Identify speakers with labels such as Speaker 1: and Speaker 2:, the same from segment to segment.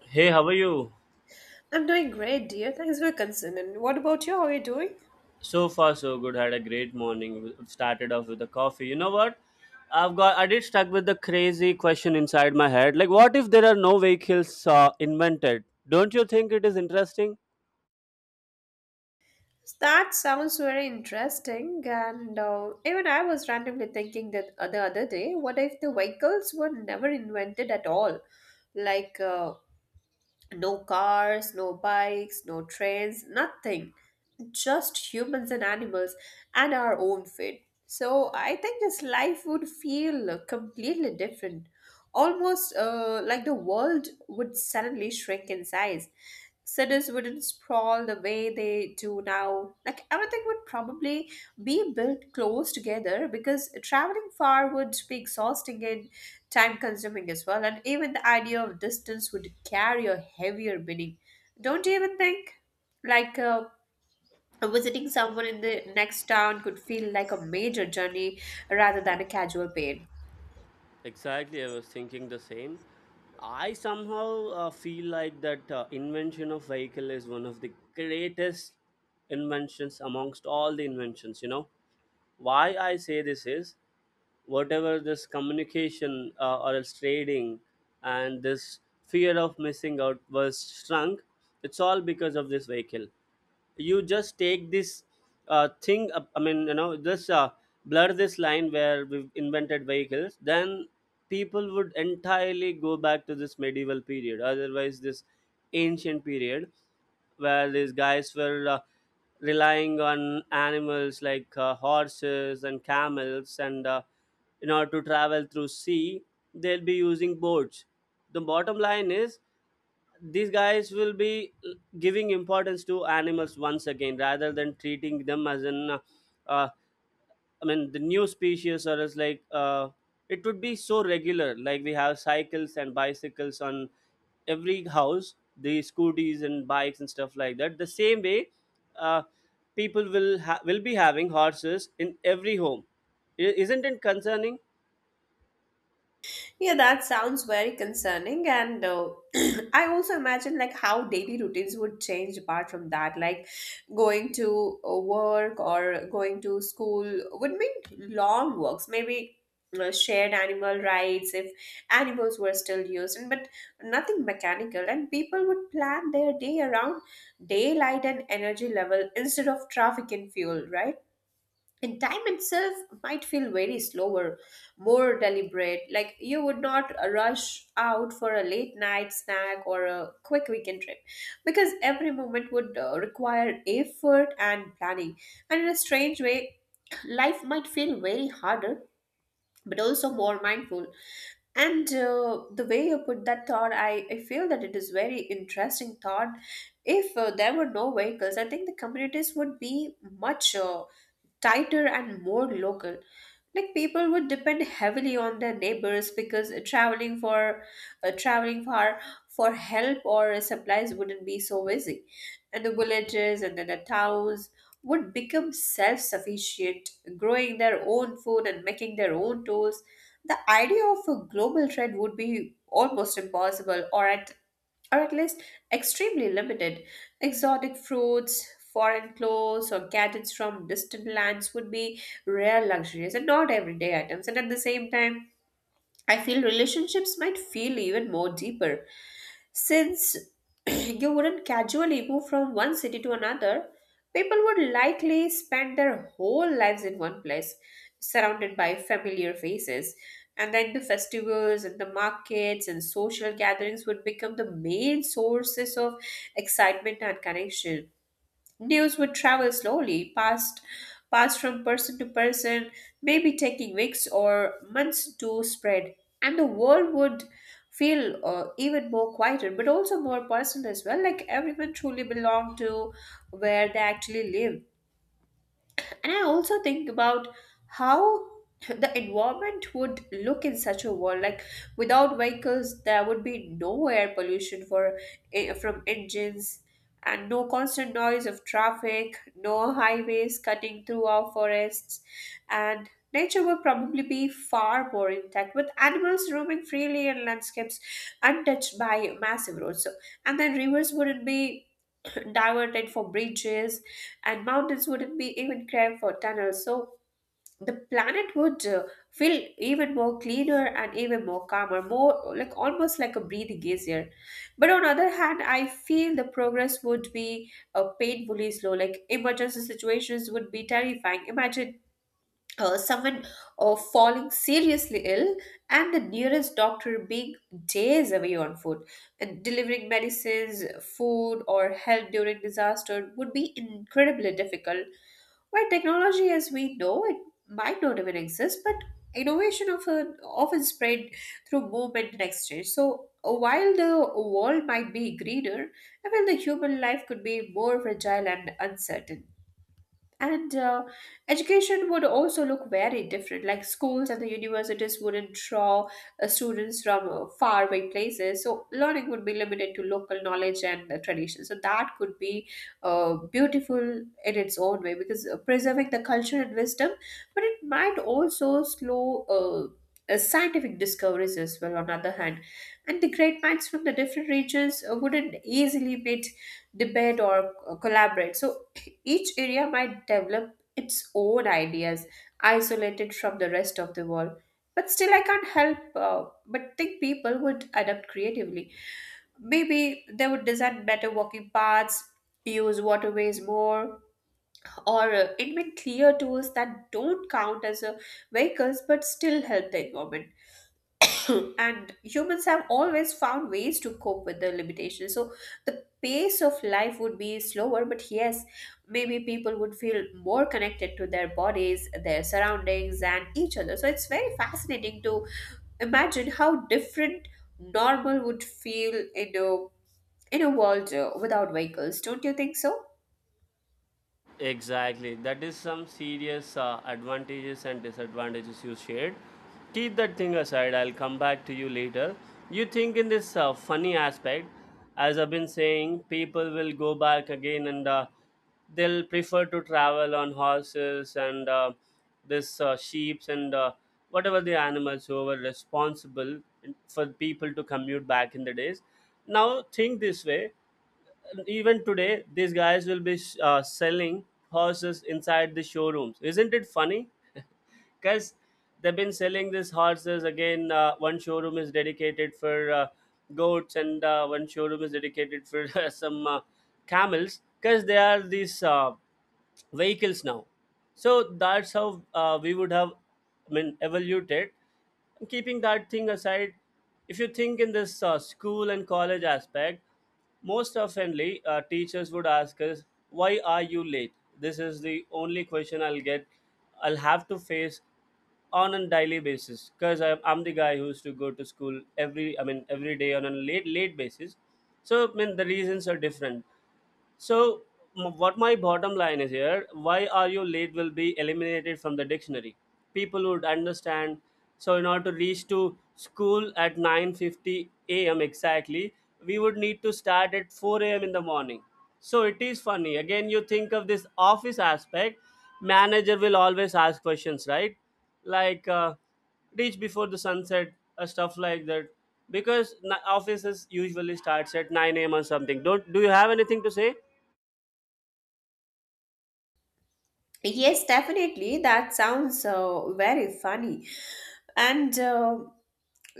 Speaker 1: Hey, how are you?
Speaker 2: I'm doing great, dear. Thanks for your concern. And what about you? How are you doing?
Speaker 1: So far, so good. Had a great morning. We started off with a coffee. You know what? I've got. I did stuck with the crazy question inside my head. Like, what if there are no vehicles invented? Don't you think it is interesting?
Speaker 2: That sounds very interesting. And even I was randomly thinking that the other day, what if the vehicles were never invented at all? Like uh, no cars, no bikes, no trains, nothing. Just humans and animals and our own fate. So I think this life would feel completely different. Almost like the world would suddenly shrink in size, cities wouldn't sprawl the way they do now. Like everything would probably be built close together because traveling far would be exhausting and time consuming as well. And even the idea of distance would carry a heavier meaning. Don't you even think? Like, uh, Visiting someone in the next town could feel like a major journey rather than a casual pain.
Speaker 1: Exactly, I was thinking the same. I somehow feel like that invention of vehicle is one of the greatest inventions amongst all the inventions. You know why I say this is whatever this communication or else trading and this fear of missing out was shrunk. It's all because of this vehicle. You just take this thing up- I mean you know just blur this line where we've invented vehicles, then people would entirely go back to this medieval period, otherwise this ancient period where these guys were relying on animals like horses and camels, and in order to travel through sea, they'll be using boats. The bottom line is these guys will be giving importance to animals once again rather than treating them as an uh, I mean the new species or as it would be so regular, like we have cycles and bicycles on every house, the scooters and bikes and stuff like that. The same way, uh, people will be having horses in every home. Isn't it concerning?
Speaker 2: Yeah, that sounds very concerning. And I also imagine like how daily routines would change apart from that. Like going to work or going to school would mean long walks, maybe shared animal rides if animals were still used, and but nothing mechanical. And people would plan their day around daylight and energy level instead of traffic and fuel, right? And time itself might feel very slower, more deliberate, like you would not rush out for a late night snack or a quick weekend trip because every moment would require effort and planning. And in a strange way, life might feel very harder but also more mindful. And the way you put that thought, I feel that it is very interesting thought. If there were no vehicles, I think the communities would be much tighter and more local. Like people would depend heavily on their neighbors because traveling far for help or supplies wouldn't be so easy, and the villages and then the towns would become self-sufficient, growing their own food and making their own tools. The idea of a global trade would be almost impossible, or at least extremely limited. Exotic fruits, foreign clothes, or gadgets from distant lands would be rare luxuries and not everyday items. And at the same time, I feel relationships might feel even more deeper since you wouldn't casually move from one city to another. People would likely spend their whole lives in one place, surrounded by familiar faces. And then the festivals and the markets and social gatherings would become the main sources of excitement and connection. News would travel slowly, passed from person to person, maybe taking weeks or months to spread, and the world would feel even more quieter, but also more personal as well. Like everyone truly belonged to where they actually lived. And I also think about how the environment would look in such a world. Like without vehicles, there would be no air pollution from engines, and no constant noise of traffic, no highways cutting through our forests, and nature would probably be far more intact with animals roaming freely in landscapes untouched by massive roads. So, and then rivers wouldn't be diverted for bridges, and mountains wouldn't be even craved for tunnels. So the planet would feel even more cleaner and even more calmer, more like almost like a breathing easier. But on other hand, I feel the progress would be painfully slow. Like emergency situations would be terrifying. Imagine someone falling seriously ill and the nearest doctor being days away on foot, and delivering medicines, food or help during disaster would be incredibly difficult. While technology as we know it might not even exist, but innovation often spread through movement and exchange. So while the world might be greener, I feel the human life could be more fragile and uncertain. And education would also look very different. Like schools and the universities wouldn't draw students from faraway places. So learning would be limited to local knowledge and tradition. So that could be beautiful in its own way because preserving the culture and wisdom, but it might also slow. Scientific discoveries as well on the other hand, and the great minds from the different regions wouldn't easily meet, debate or collaborate. So each area might develop its own ideas, isolated from the rest of the world. But still, I can't help but think people would adapt creatively. Maybe they would design better walking paths, use waterways more, or invent clear tools that don't count as vehicles but still help the environment. And humans have always found ways to cope with the limitations. So the pace of life would be slower, but yes, maybe people would feel more connected to their bodies, their surroundings, and each other. So it's very fascinating to imagine how different normal would feel in a world without vehicles. Don't you think so?
Speaker 1: Exactly. That is some serious advantages and disadvantages you shared. Keep that thing aside. I'll come back to you later. You think in this funny aspect, as I've been saying, people will go back again, and they'll prefer to travel on horses and this sheeps, and whatever the animals who were responsible for people to commute back in the days. Now think this way, even today these guys will be selling horses inside the showrooms. Isn't it funny? Because they've been selling these horses again, one showroom is dedicated for goats, and one showroom is dedicated for some camels, because they are these vehicles now. So that's how we would have, I mean, evoluted. Keeping that thing aside, if you think in this school and college aspect, most oftenly teachers would ask us, "Why are you late?" This is the only question I'll get. I'll have to face on a daily basis because I'm the guy who used to go to school every, I mean, every day on a late late basis. So I mean the reasons are different. So, what my bottom line is here, "Why are you late?" will be eliminated from the dictionary. People would understand. So, in order to reach to school at 9:50 a.m. exactly, we would need to start at 4 a.m. in the morning. So, it is funny. Again, you think of this office aspect, manager will always ask questions, right? Like, reach before the sunset, stuff like that. Because offices usually starts at 9 a.m. or something. Don't do you have anything to say?
Speaker 2: Yes, definitely. That sounds very funny. And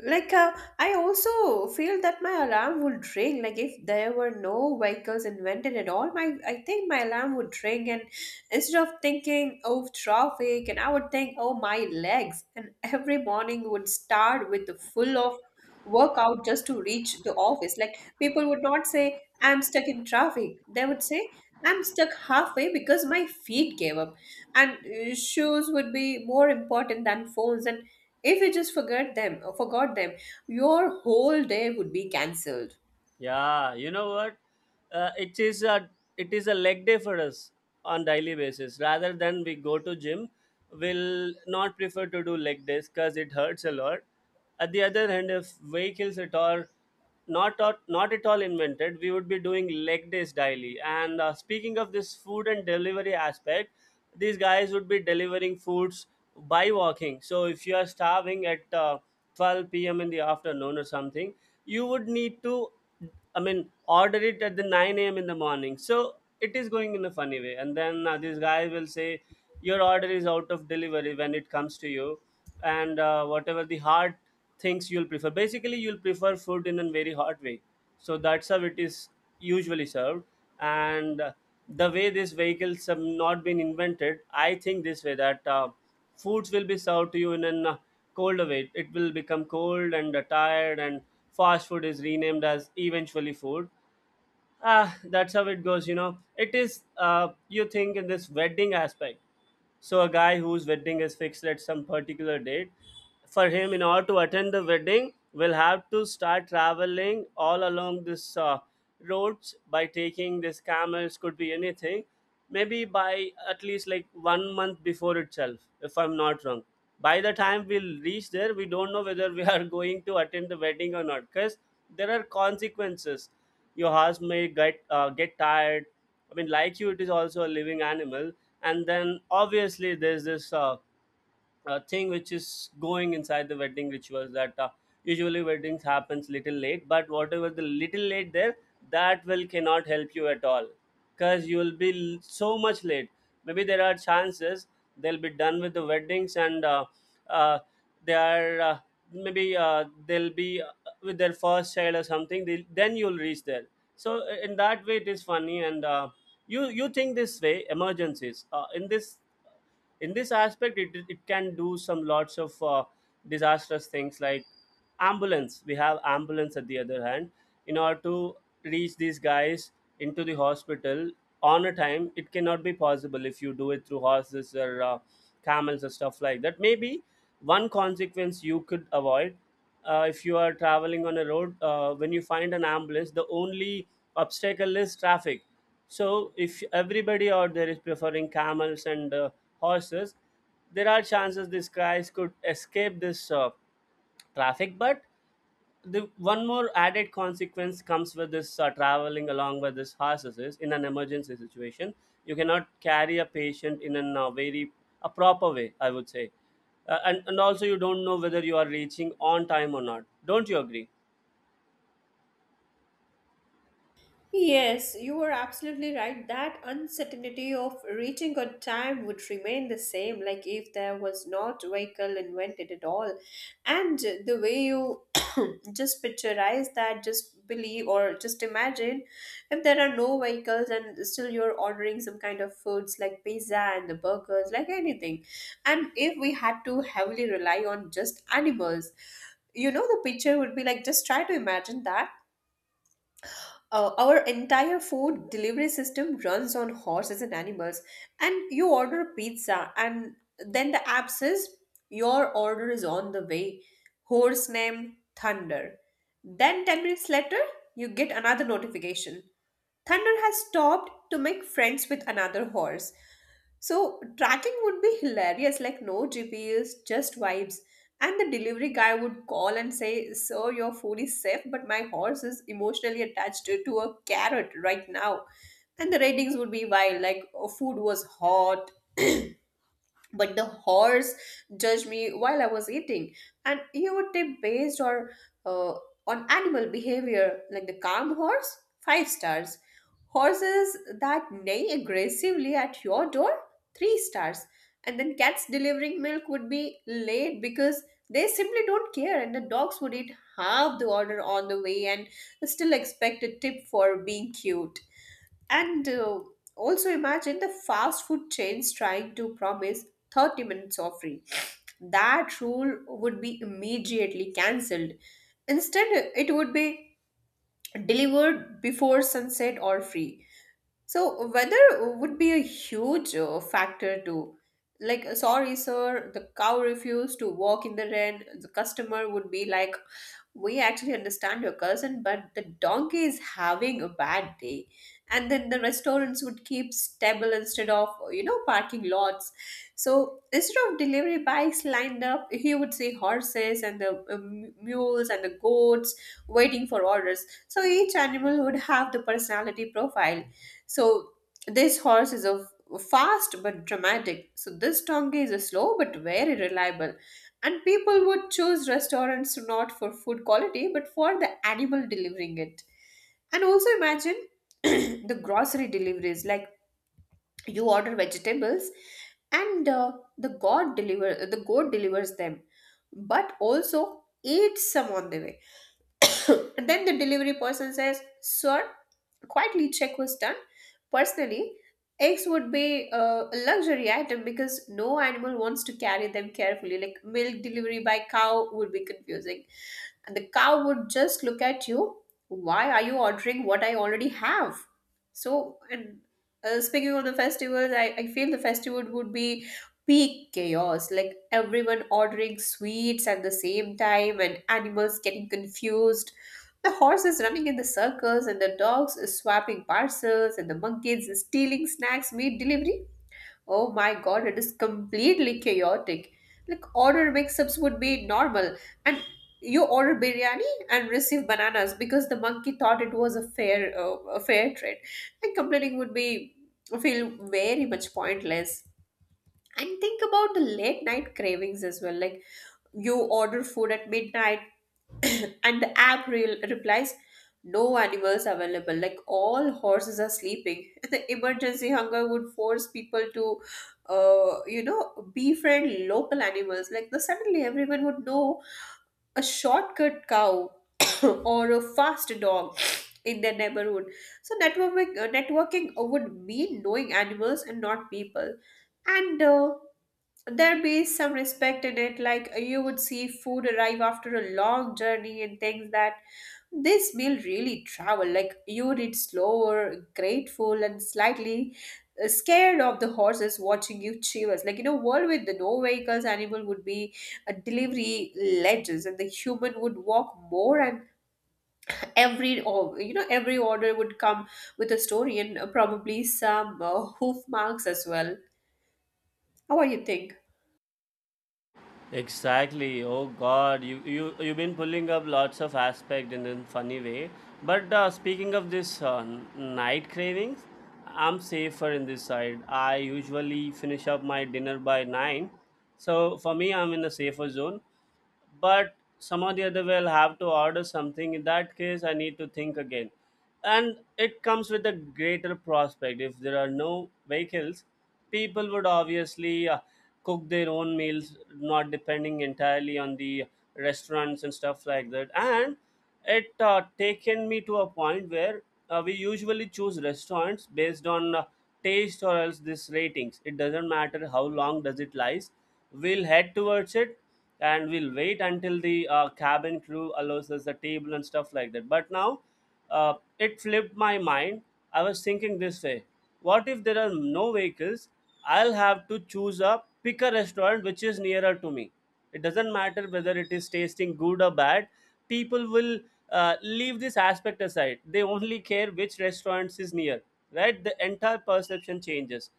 Speaker 2: like uh, I also feel that my alarm would ring. Like if there were no vehicles invented at all, my I think my alarm would ring. And instead of thinking of traffic, and I would think, oh my legs. And every morning would start with the full of workout just to reach the office. Like people would not say, I'm stuck in traffic. They would say, I'm stuck halfway because my feet gave up. And shoes would be more important than phones, and if you just forget them or forgot them, your whole day would be cancelled.
Speaker 1: Yeah, you know what? It is a it is a leg day for us on daily basis. Rather than we go to gym, we'll not prefer to do leg days because it hurts a lot. At the other hand, if vehicles at all not at all invented, we would be doing leg days daily. And Speaking of this food and delivery aspect, these guys would be delivering foods by walking. So if you are starving at 12 p.m. in the afternoon or something, you would need to, I mean, order it at the 9 a.m. in the morning. So it is going in a funny way. And then This guy will say, "Your order is out of delivery" when it comes to you. And Whatever the hard things you'll prefer. Basically, you'll prefer food in a very hot way. So that's how it is usually served. And The way these vehicles have not been invented, I think this way, that foods will be served to you in an cold away. It will become cold and tired, and fast food is renamed as eventually food. Ah, that's how it goes, you know. It is, you think, in this wedding aspect. So a guy whose wedding is fixed at some particular date, for him, in order to attend the wedding, will have to start traveling all along this roads by taking these camels, could be anything, maybe by at least like one month before itself, if I'm not wrong. By the time we'll reach there, we don't know whether we are going to attend the wedding or not, because there are consequences. Your horse may get tired. I mean, like you, it is also a living animal. And then obviously there's this thing which is going inside the wedding rituals that usually weddings happens little late, but whatever the little late there, that will cannot help you at all, because you will be so much late. Maybe there are chances they'll be done with the weddings and uh, they are maybe they'll be with their first child or something, they, then you'll reach there. So in that way it is funny. And You you think this way, emergencies in this aspect, it can do some lots of disastrous things, like ambulance. We have ambulance at the other hand, in order to reach these guys into the hospital on a time, it cannot be possible if you do it through horses or camels or stuff like that. Maybe one consequence you could avoid, if you are traveling on a road, when you find an ambulance, the only obstacle is traffic. So if everybody out there is preferring camels and horses, there are chances these guys could escape this traffic. But the one more added consequence comes with this traveling along with this horses is, in an emergency situation, you cannot carry a patient in an very a proper way, I would say. And also, you don't know whether you are reaching on time or not. Don't you agree?
Speaker 2: Yes, you are absolutely right. That uncertainty of reaching on time would remain the same, like if there was not vehicle invented at all. And the way you just picturize that, just believe or just imagine, if there are no vehicles and still you're ordering some kind of foods like pizza and the burgers, like anything. And if we had to heavily rely on just animals, you know, the picture would be like just try to imagine that our entire food delivery system runs on horses and animals. And you order pizza, and then the app says your order is on the way. Horse name Thunder. Then 10 minutes later, you get another notification. Thunder has stopped to make friends with another horse. So tracking would be hilarious, like no GPS, just vibes. And the delivery guy would call and say, Sir, your food is safe, but my horse is emotionally attached to a carrot right now. And the ratings would be wild, like oh, food was hot, but the horse judged me while I was eating. And you would tip based or uh, on animal behavior, like the calm horse, five stars, horses that neigh aggressively at your door, three stars. And then cats delivering milk would be late because they simply don't care, and the dogs would eat half the order on the way and still expect a tip for being cute. And also imagine the fast food chains trying to promise 30 minutes of free. That rule would be immediately cancelled. Instead, it would be delivered before sunset or free. So weather would be a huge factor too. Like, sorry, sir, the cow refused to walk in the rain. The customer would be like, we actually understand your cousin, but the donkey is having a bad day. And then the restaurants would keep stable instead of, you know, parking lots. So instead of delivery bikes lined up, he would see horses and the mules and the goats waiting for orders. So each animal would have the personality profile. So this horse is a fast but dramatic. So this donkey is a slow but very reliable. And people would choose restaurants not for food quality but for the animal delivering it. And also imagine the grocery deliveries, like you order vegetables and the goat delivers them but also eats some on the way. Then the delivery person says, Sir, quietly check was done. Personally, eggs would be a luxury item because no animal wants to carry them carefully. Like milk delivery by cow would be confusing. And the cow would just look at you, Why are you ordering what I already have? So, and Speaking of the festivals, I feel the festival would be peak chaos, like everyone ordering sweets at the same time and animals getting confused, the horses running in the circles and the dogs swapping parcels and the monkeys stealing snacks made delivery. Oh my god, it is completely chaotic. Like order mix-ups would be normal, and you order biryani and receive bananas because the monkey thought it was a fair trade. And complaining would be feel very much pointless. And think about the late night cravings as well. Like you order food at midnight and the app replies no animals available, like all horses are sleeping. The emergency hunger would force people to you know, befriend local animals, like suddenly everyone would know a shortcut cow or a fast dog in their neighborhood. So networking would mean knowing animals and not people. And there be some respect in it. Like you would see food arrive after a long journey and things that this meal really travel. Like you would eat slower, grateful, and slightly scared of the horses watching you chew us. Like in a world with the no vehicles, animal would be a delivery ledges and the human would walk more. And every, or you know, every order would come with a story, and probably some hoof marks as well. How are you think?
Speaker 1: Exactly. Oh God, you've been pulling up lots of aspect in a funny way. But speaking of this night cravings, I'm safer in this side. I usually finish up my dinner by nine, so for me, I'm in a safer zone, but some of the other will have to order something. In that case, I need to think again. And it comes with a greater prospect. If there are no vehicles, people would obviously cook their own meals, not depending entirely on the restaurants and stuff like that. And it taken me to a point where we usually choose restaurants based on taste or else this ratings. It doesn't matter how long does it lies, we'll head towards it, and we'll wait until the cabin crew allows us the table and stuff like that. But now it flipped my mind. I was thinking this way, what if there are no vehicles? I'll have to choose a pick a restaurant which is nearer to me. It doesn't matter whether it is tasting good or bad, people will leave this aspect aside. They only care which restaurants is near, right? The entire perception changes.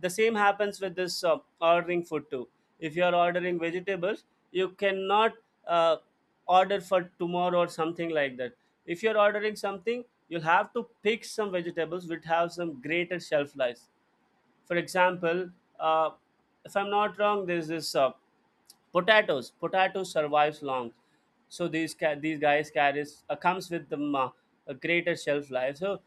Speaker 1: The same happens with this ordering food too. If you are ordering vegetables, you cannot uh, order for tomorrow or something like that. If you're ordering something, you'll have to pick some vegetables which have some greater shelf life. For example, uh, if I'm not wrong, there's this potatoes. Potatoes survives long, so these guys carries, comes with them a greater shelf life. So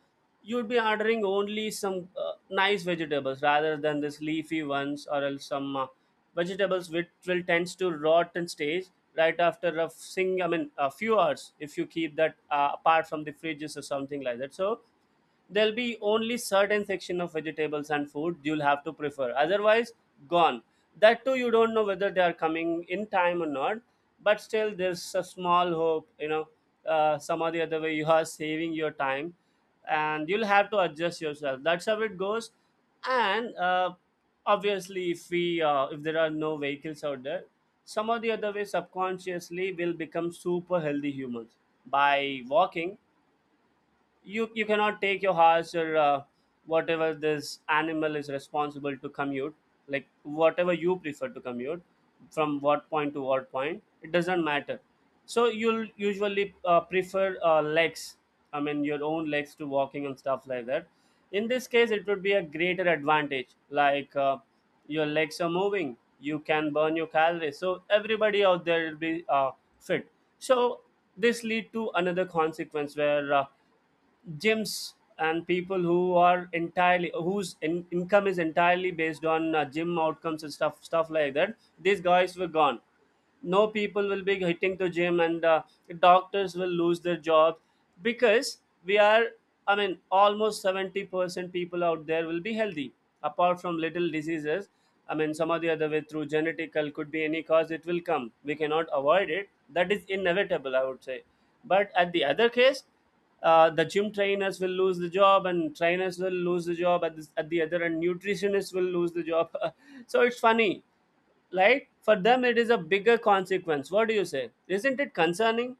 Speaker 1: you'd be ordering only some nice vegetables rather than this leafy ones or else some vegetables which will tends to rot in stage right after a sing I mean a few hours if you keep that apart from the fridges or something like that, so there'll be only certain section of vegetables and food you'll have to prefer, otherwise gone. That too, you don't know whether they are coming in time or not, but still there's a small hope, you know, some or the other way you are saving your time, and you'll have to adjust yourself, that's how it goes. And Obviously, if there are no vehicles out there, some or the other way subconsciously will become super healthy humans by walking. You cannot take your horse, or whatever this animal is responsible to commute, like whatever you prefer to commute from what point to what point, it doesn't matter. So you'll usually prefer, legs, I mean your own legs, to walking and stuff like that. In this case, it would be a greater advantage, like your legs are moving, you can burn your calories, so everybody out there will be fit. So this lead to another consequence where gyms and people who are entirely income is entirely based on gym outcomes and stuff like that, these guys were gone. No people will be hitting the gym, and doctors will lose their job because we are, I mean, almost 70% people out there will be healthy, apart from little diseases. I mean, some or the other way through genetical, could be any cause, it will come, we cannot avoid it, that is inevitable, I would say. But at the other case, the gym trainers will lose the job, and trainers will lose the job at the other, and nutritionists will lose the job. So it's funny, right? For them, it is a bigger consequence. What do you say, isn't it concerning?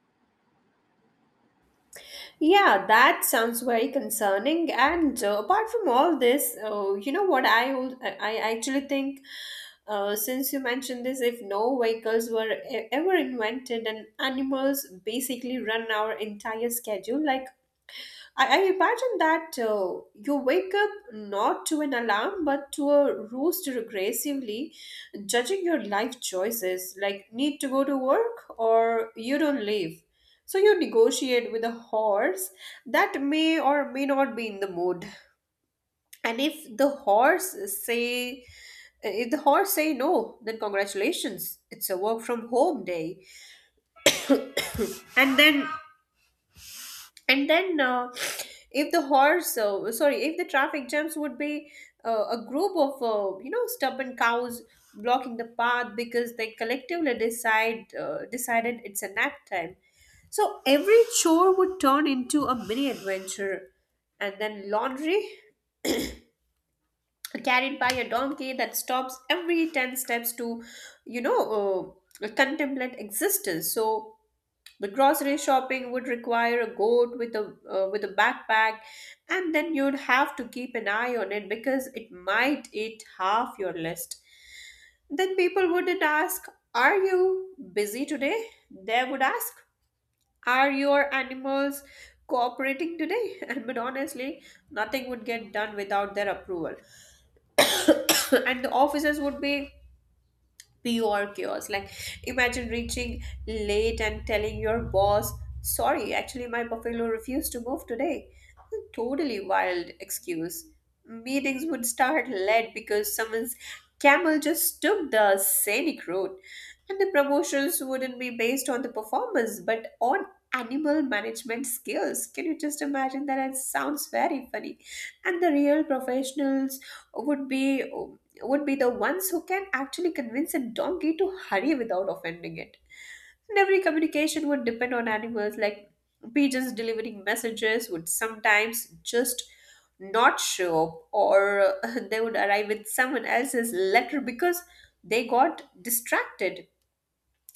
Speaker 2: Yeah, that sounds very concerning. And apart from all this, you know what I actually think, since you mentioned this, if no vehicles were ever invented and animals basically run our entire schedule, like I imagine that you wake up not to an alarm but to a roost regressively, judging your life choices, like need to go to work or you don't leave. So you negotiate with a horse that may or may not be in the mood. And say if the horse say no, then congratulations, it's a work from home day. And then and then, if the traffic jams would be a group of you know, stubborn cows blocking the path because they collectively decide decided it's a nap time. So every chore would turn into a mini adventure. And then laundry carried by a donkey that stops every 10 steps to, you know, contemplate existence. So the grocery shopping would require a goat with a backpack, and then you'd have to keep an eye on it because it might eat half your list. Then people wouldn't ask, "Are you busy today?" They would ask, "Are your animals cooperating today?" And but honestly, nothing would get done without their approval, and the officers would be pure chaos. Like, imagine reaching late and telling your boss, sorry, actually, my buffalo refused to move today. Totally wild excuse. Meetings would start late because someone's camel just took the scenic route. And the promotions wouldn't be based on the performance but on animal management skills. Can you just imagine that? It sounds very funny. And the real professionals would be would be the ones who can actually convince a donkey to hurry without offending it. And every communication would depend on animals, like pigeons delivering messages would sometimes just not show up, or they would arrive with someone else's letter because they got distracted.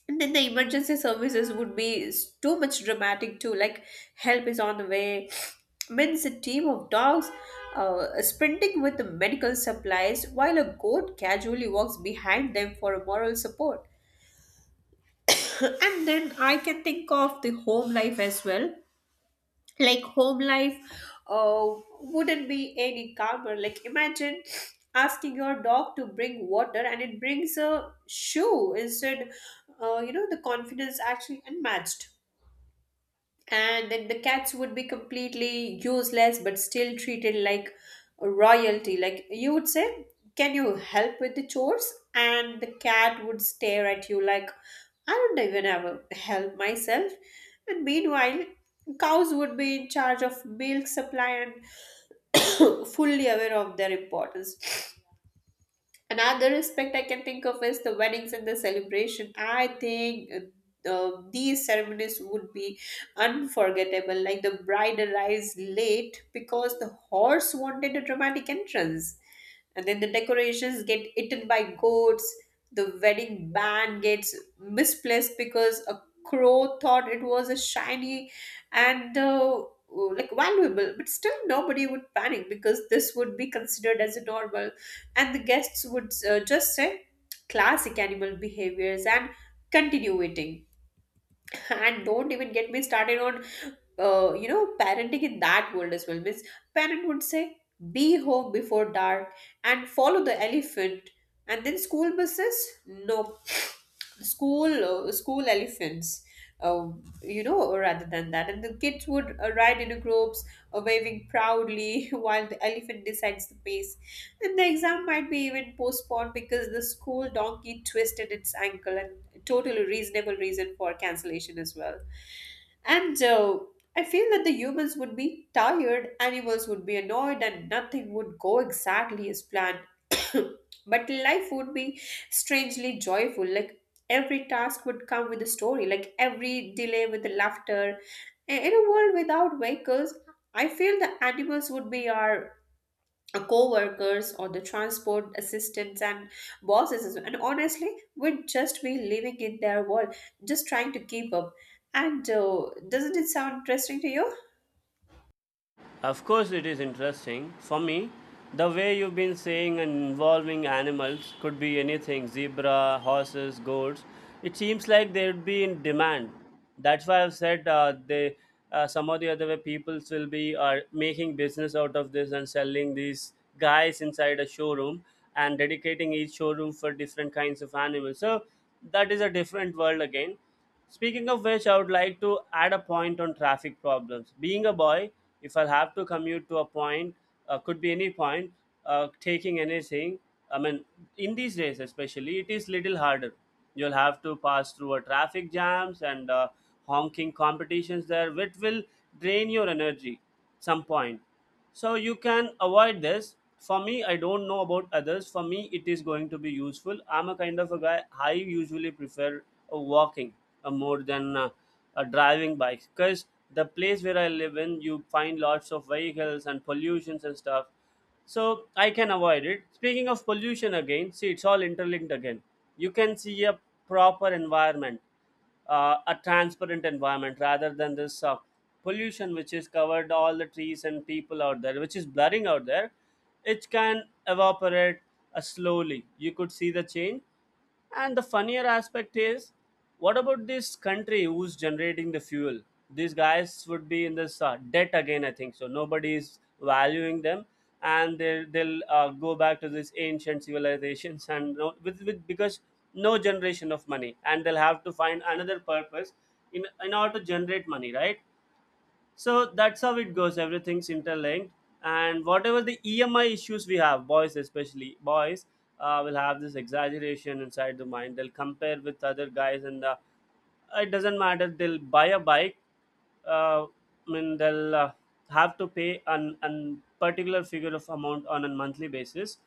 Speaker 2: And then the emergency services would be too much dramatic too. Like help is on the way. Means a team of dogs sprinting with the medical supplies while a goat casually walks behind them for a moral support. And then I can think of the home life as well. Like home life uh, wouldn't be any calmer. Like imagine asking your dog to bring water and it brings a shoe instead. You know, the confidence actually unmatched. And then the cats would be completely useless but still treated like royalty. Like you would say, can you help with the chores, and the cat would stare at you like I don't even ever help myself. And meanwhile cows would be in charge of milk supply and, fully aware of their importance. Another aspect I can think of is the weddings and the celebration. I think these ceremonies would be unforgettable. Like the bride arrives late because the horse wanted a dramatic entrance, and then the decorations get eaten by goats, the wedding band gets misplaced because a crow thought it was a shiny and like valuable, but still nobody would panic because this would be considered as a normal. And the guests would just say classic animal behaviors and continue eating. And don't even get me started on you know, parenting in that world as well. Means parent would say, be home before dark and follow the elephant. And then school buses, no, school elephants. Uh, you know, rather than that, and the kids would ride in groups, waving proudly, while the elephant decides the pace. And the exam might be even postponed because the school donkey twisted its ankle, and totally reasonable reason for cancellation as well. And I feel that the humans would be tired, animals would be annoyed, and nothing would go exactly as planned. But life would be strangely joyful. Like every task would come with a story, like every delay with a laughter. In a world without vehicles, I feel the animals would be our co workers or the transport assistants and bosses. As well. And honestly, we'd just be living in their world, just trying to keep up. And doesn't it sound interesting to you?
Speaker 1: Of course, it is interesting. For me, the way you've been saying and involving animals could be anything, zebra, horses, goats. It seems like they would be in demand. That's why I've said, some of the other way, people will be are making business out of this and selling these guys inside a showroom, and dedicating each showroom for different kinds of animals. So that is a different world again. Speaking of which, I would like to add a point on traffic problems. Being a boy, if I have to commute to a point, could be any point, taking anything, I mean, in these days especially, it is little harder. You'll have to pass through a traffic jams and honking competitions there, which will drain your energy some point, so you can avoid this. For me, I don't know about others, for me it is going to be useful. I'm a kind of a guy, I usually prefer walking more than driving bikes, because the place where I live in, you find lots of vehicles and pollutions and stuff, so I can avoid it. Speaking of pollution again, see, it's all interlinked again. You can see a proper environment, a transparent environment, rather than this pollution which is covered all the trees and people out there, which is blurring out there. It can evaporate slowly, you could see the change. And the funnier aspect is, what about this country who's generating the fuel? These guys would be in this debt again, I think so, nobody is valuing them, and they'll go back to these ancient civilizations, and you know, with because no generation of money, and they'll have to find another purpose in order to generate money, right? So that's how it goes, everything's interlinked. And whatever the EMI issues we have, boys, especially boys, will have this exaggeration inside the mind, they'll compare with other guys, and it doesn't matter, they'll buy a bike, I mean they'll have to pay an particular figure of amount on a monthly basis.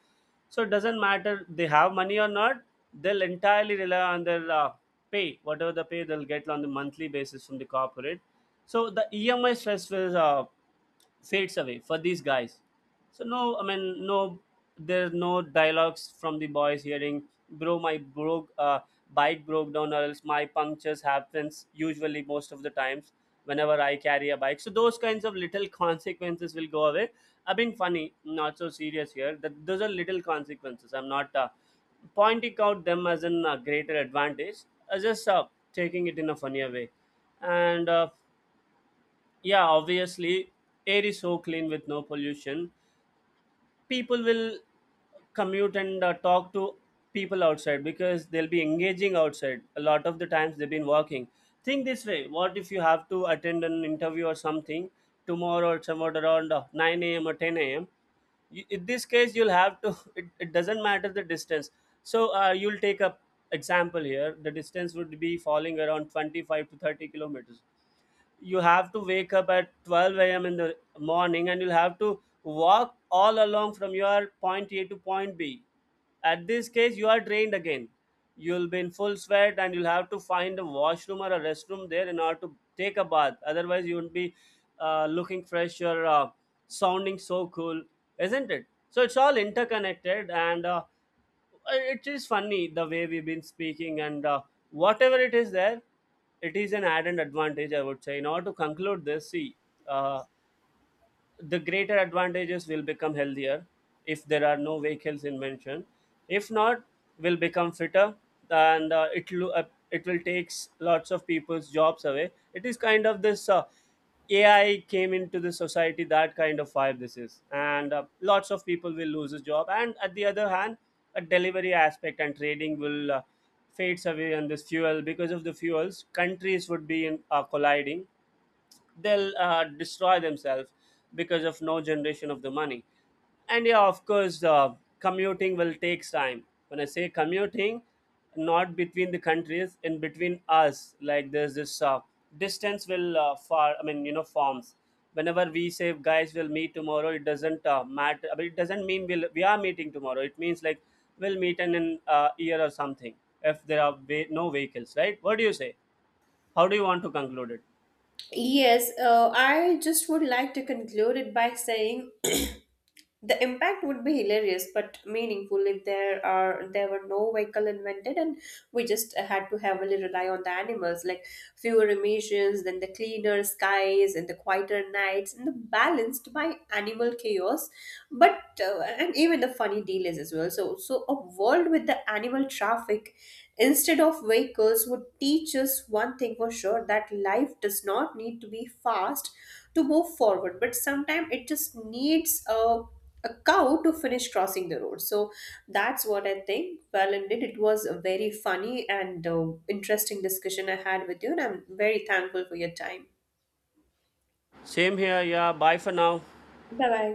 Speaker 1: So it doesn't matter they have money or not, they'll entirely rely on their pay, whatever the pay they'll get on the monthly basis from the corporate. So the EMI stress will fades away for these guys. So no, I mean no, there's no dialogues from the boys hearing, bro, my bro, bike broke down, or else my punctures happens usually most of the times whenever I carry a bike. So those kinds of little consequences will go away. I've been funny, not so serious here, that those are little consequences, I'm not pointing out them as an greater advantage, I just taking it in a funnier way. And Yeah, obviously, air is so clean with no pollution, people will commute and talk to people outside, because they'll be engaging outside a lot of the times they've been working. Think this way, what if you have to attend an interview or something tomorrow, or somewhere around 9 a.m or 10 a.m? You, in this case, you'll have to, it doesn't matter the distance. So you'll take a example here, the distance would be falling around 25 to 30 kilometers. You have to wake up at 12 a.m. in the morning and you'll have to walk all along from your point A to point B. At this case, you are drained again. You'll be in full sweat and you'll have to find a washroom or a restroom there in order to take a bath. Otherwise, you won't be looking fresh, or sounding so cool, isn't it? So it's all interconnected, and it is funny the way we've been speaking, and whatever it is there, it is an added advantage, I would say. In order to conclude this, see, uh, the greater advantages, will become healthier if there are no vehicles in mention, if not, will become fitter. And it will It will takes lots of people's jobs away, it is kind of this, AI came into the society, that kind of vibe this is. And lots of people will lose a job, and at the other hand, a delivery aspect and trading will fades away on this fuel. Because of the fuels, countries would be colliding, they'll destroy themselves because of no generation of the money. And yeah, of course, commuting will take time. When I say commuting, not between the countries, in between us, like there's this distance will far, I mean, you know, forms. Whenever we say guys will meet tomorrow, it doesn't matter, I mean, it doesn't mean we'll, we are meeting tomorrow, it means like we'll meet in an year or something, if there are no vehicles, right? What do you say, how do you want to conclude it?
Speaker 2: Yes, I just would like to conclude it by saying the impact would be hilarious but meaningful if there were no vehicle invented and we just had to heavily rely on the animals, like fewer emissions, then the cleaner skies and the quieter nights and the balanced by animal chaos. But and even the funny deal is as well. So a world with the animal traffic instead of vehicles would teach us one thing for sure, that life does not need to be fast to move forward, but sometimes it just needs a cow to finish crossing the road. So that's what I think. Well, indeed it was a very funny and interesting discussion I had with you, and I'm very thankful for your time.
Speaker 1: Same here, yeah. Bye for now.
Speaker 2: Bye bye.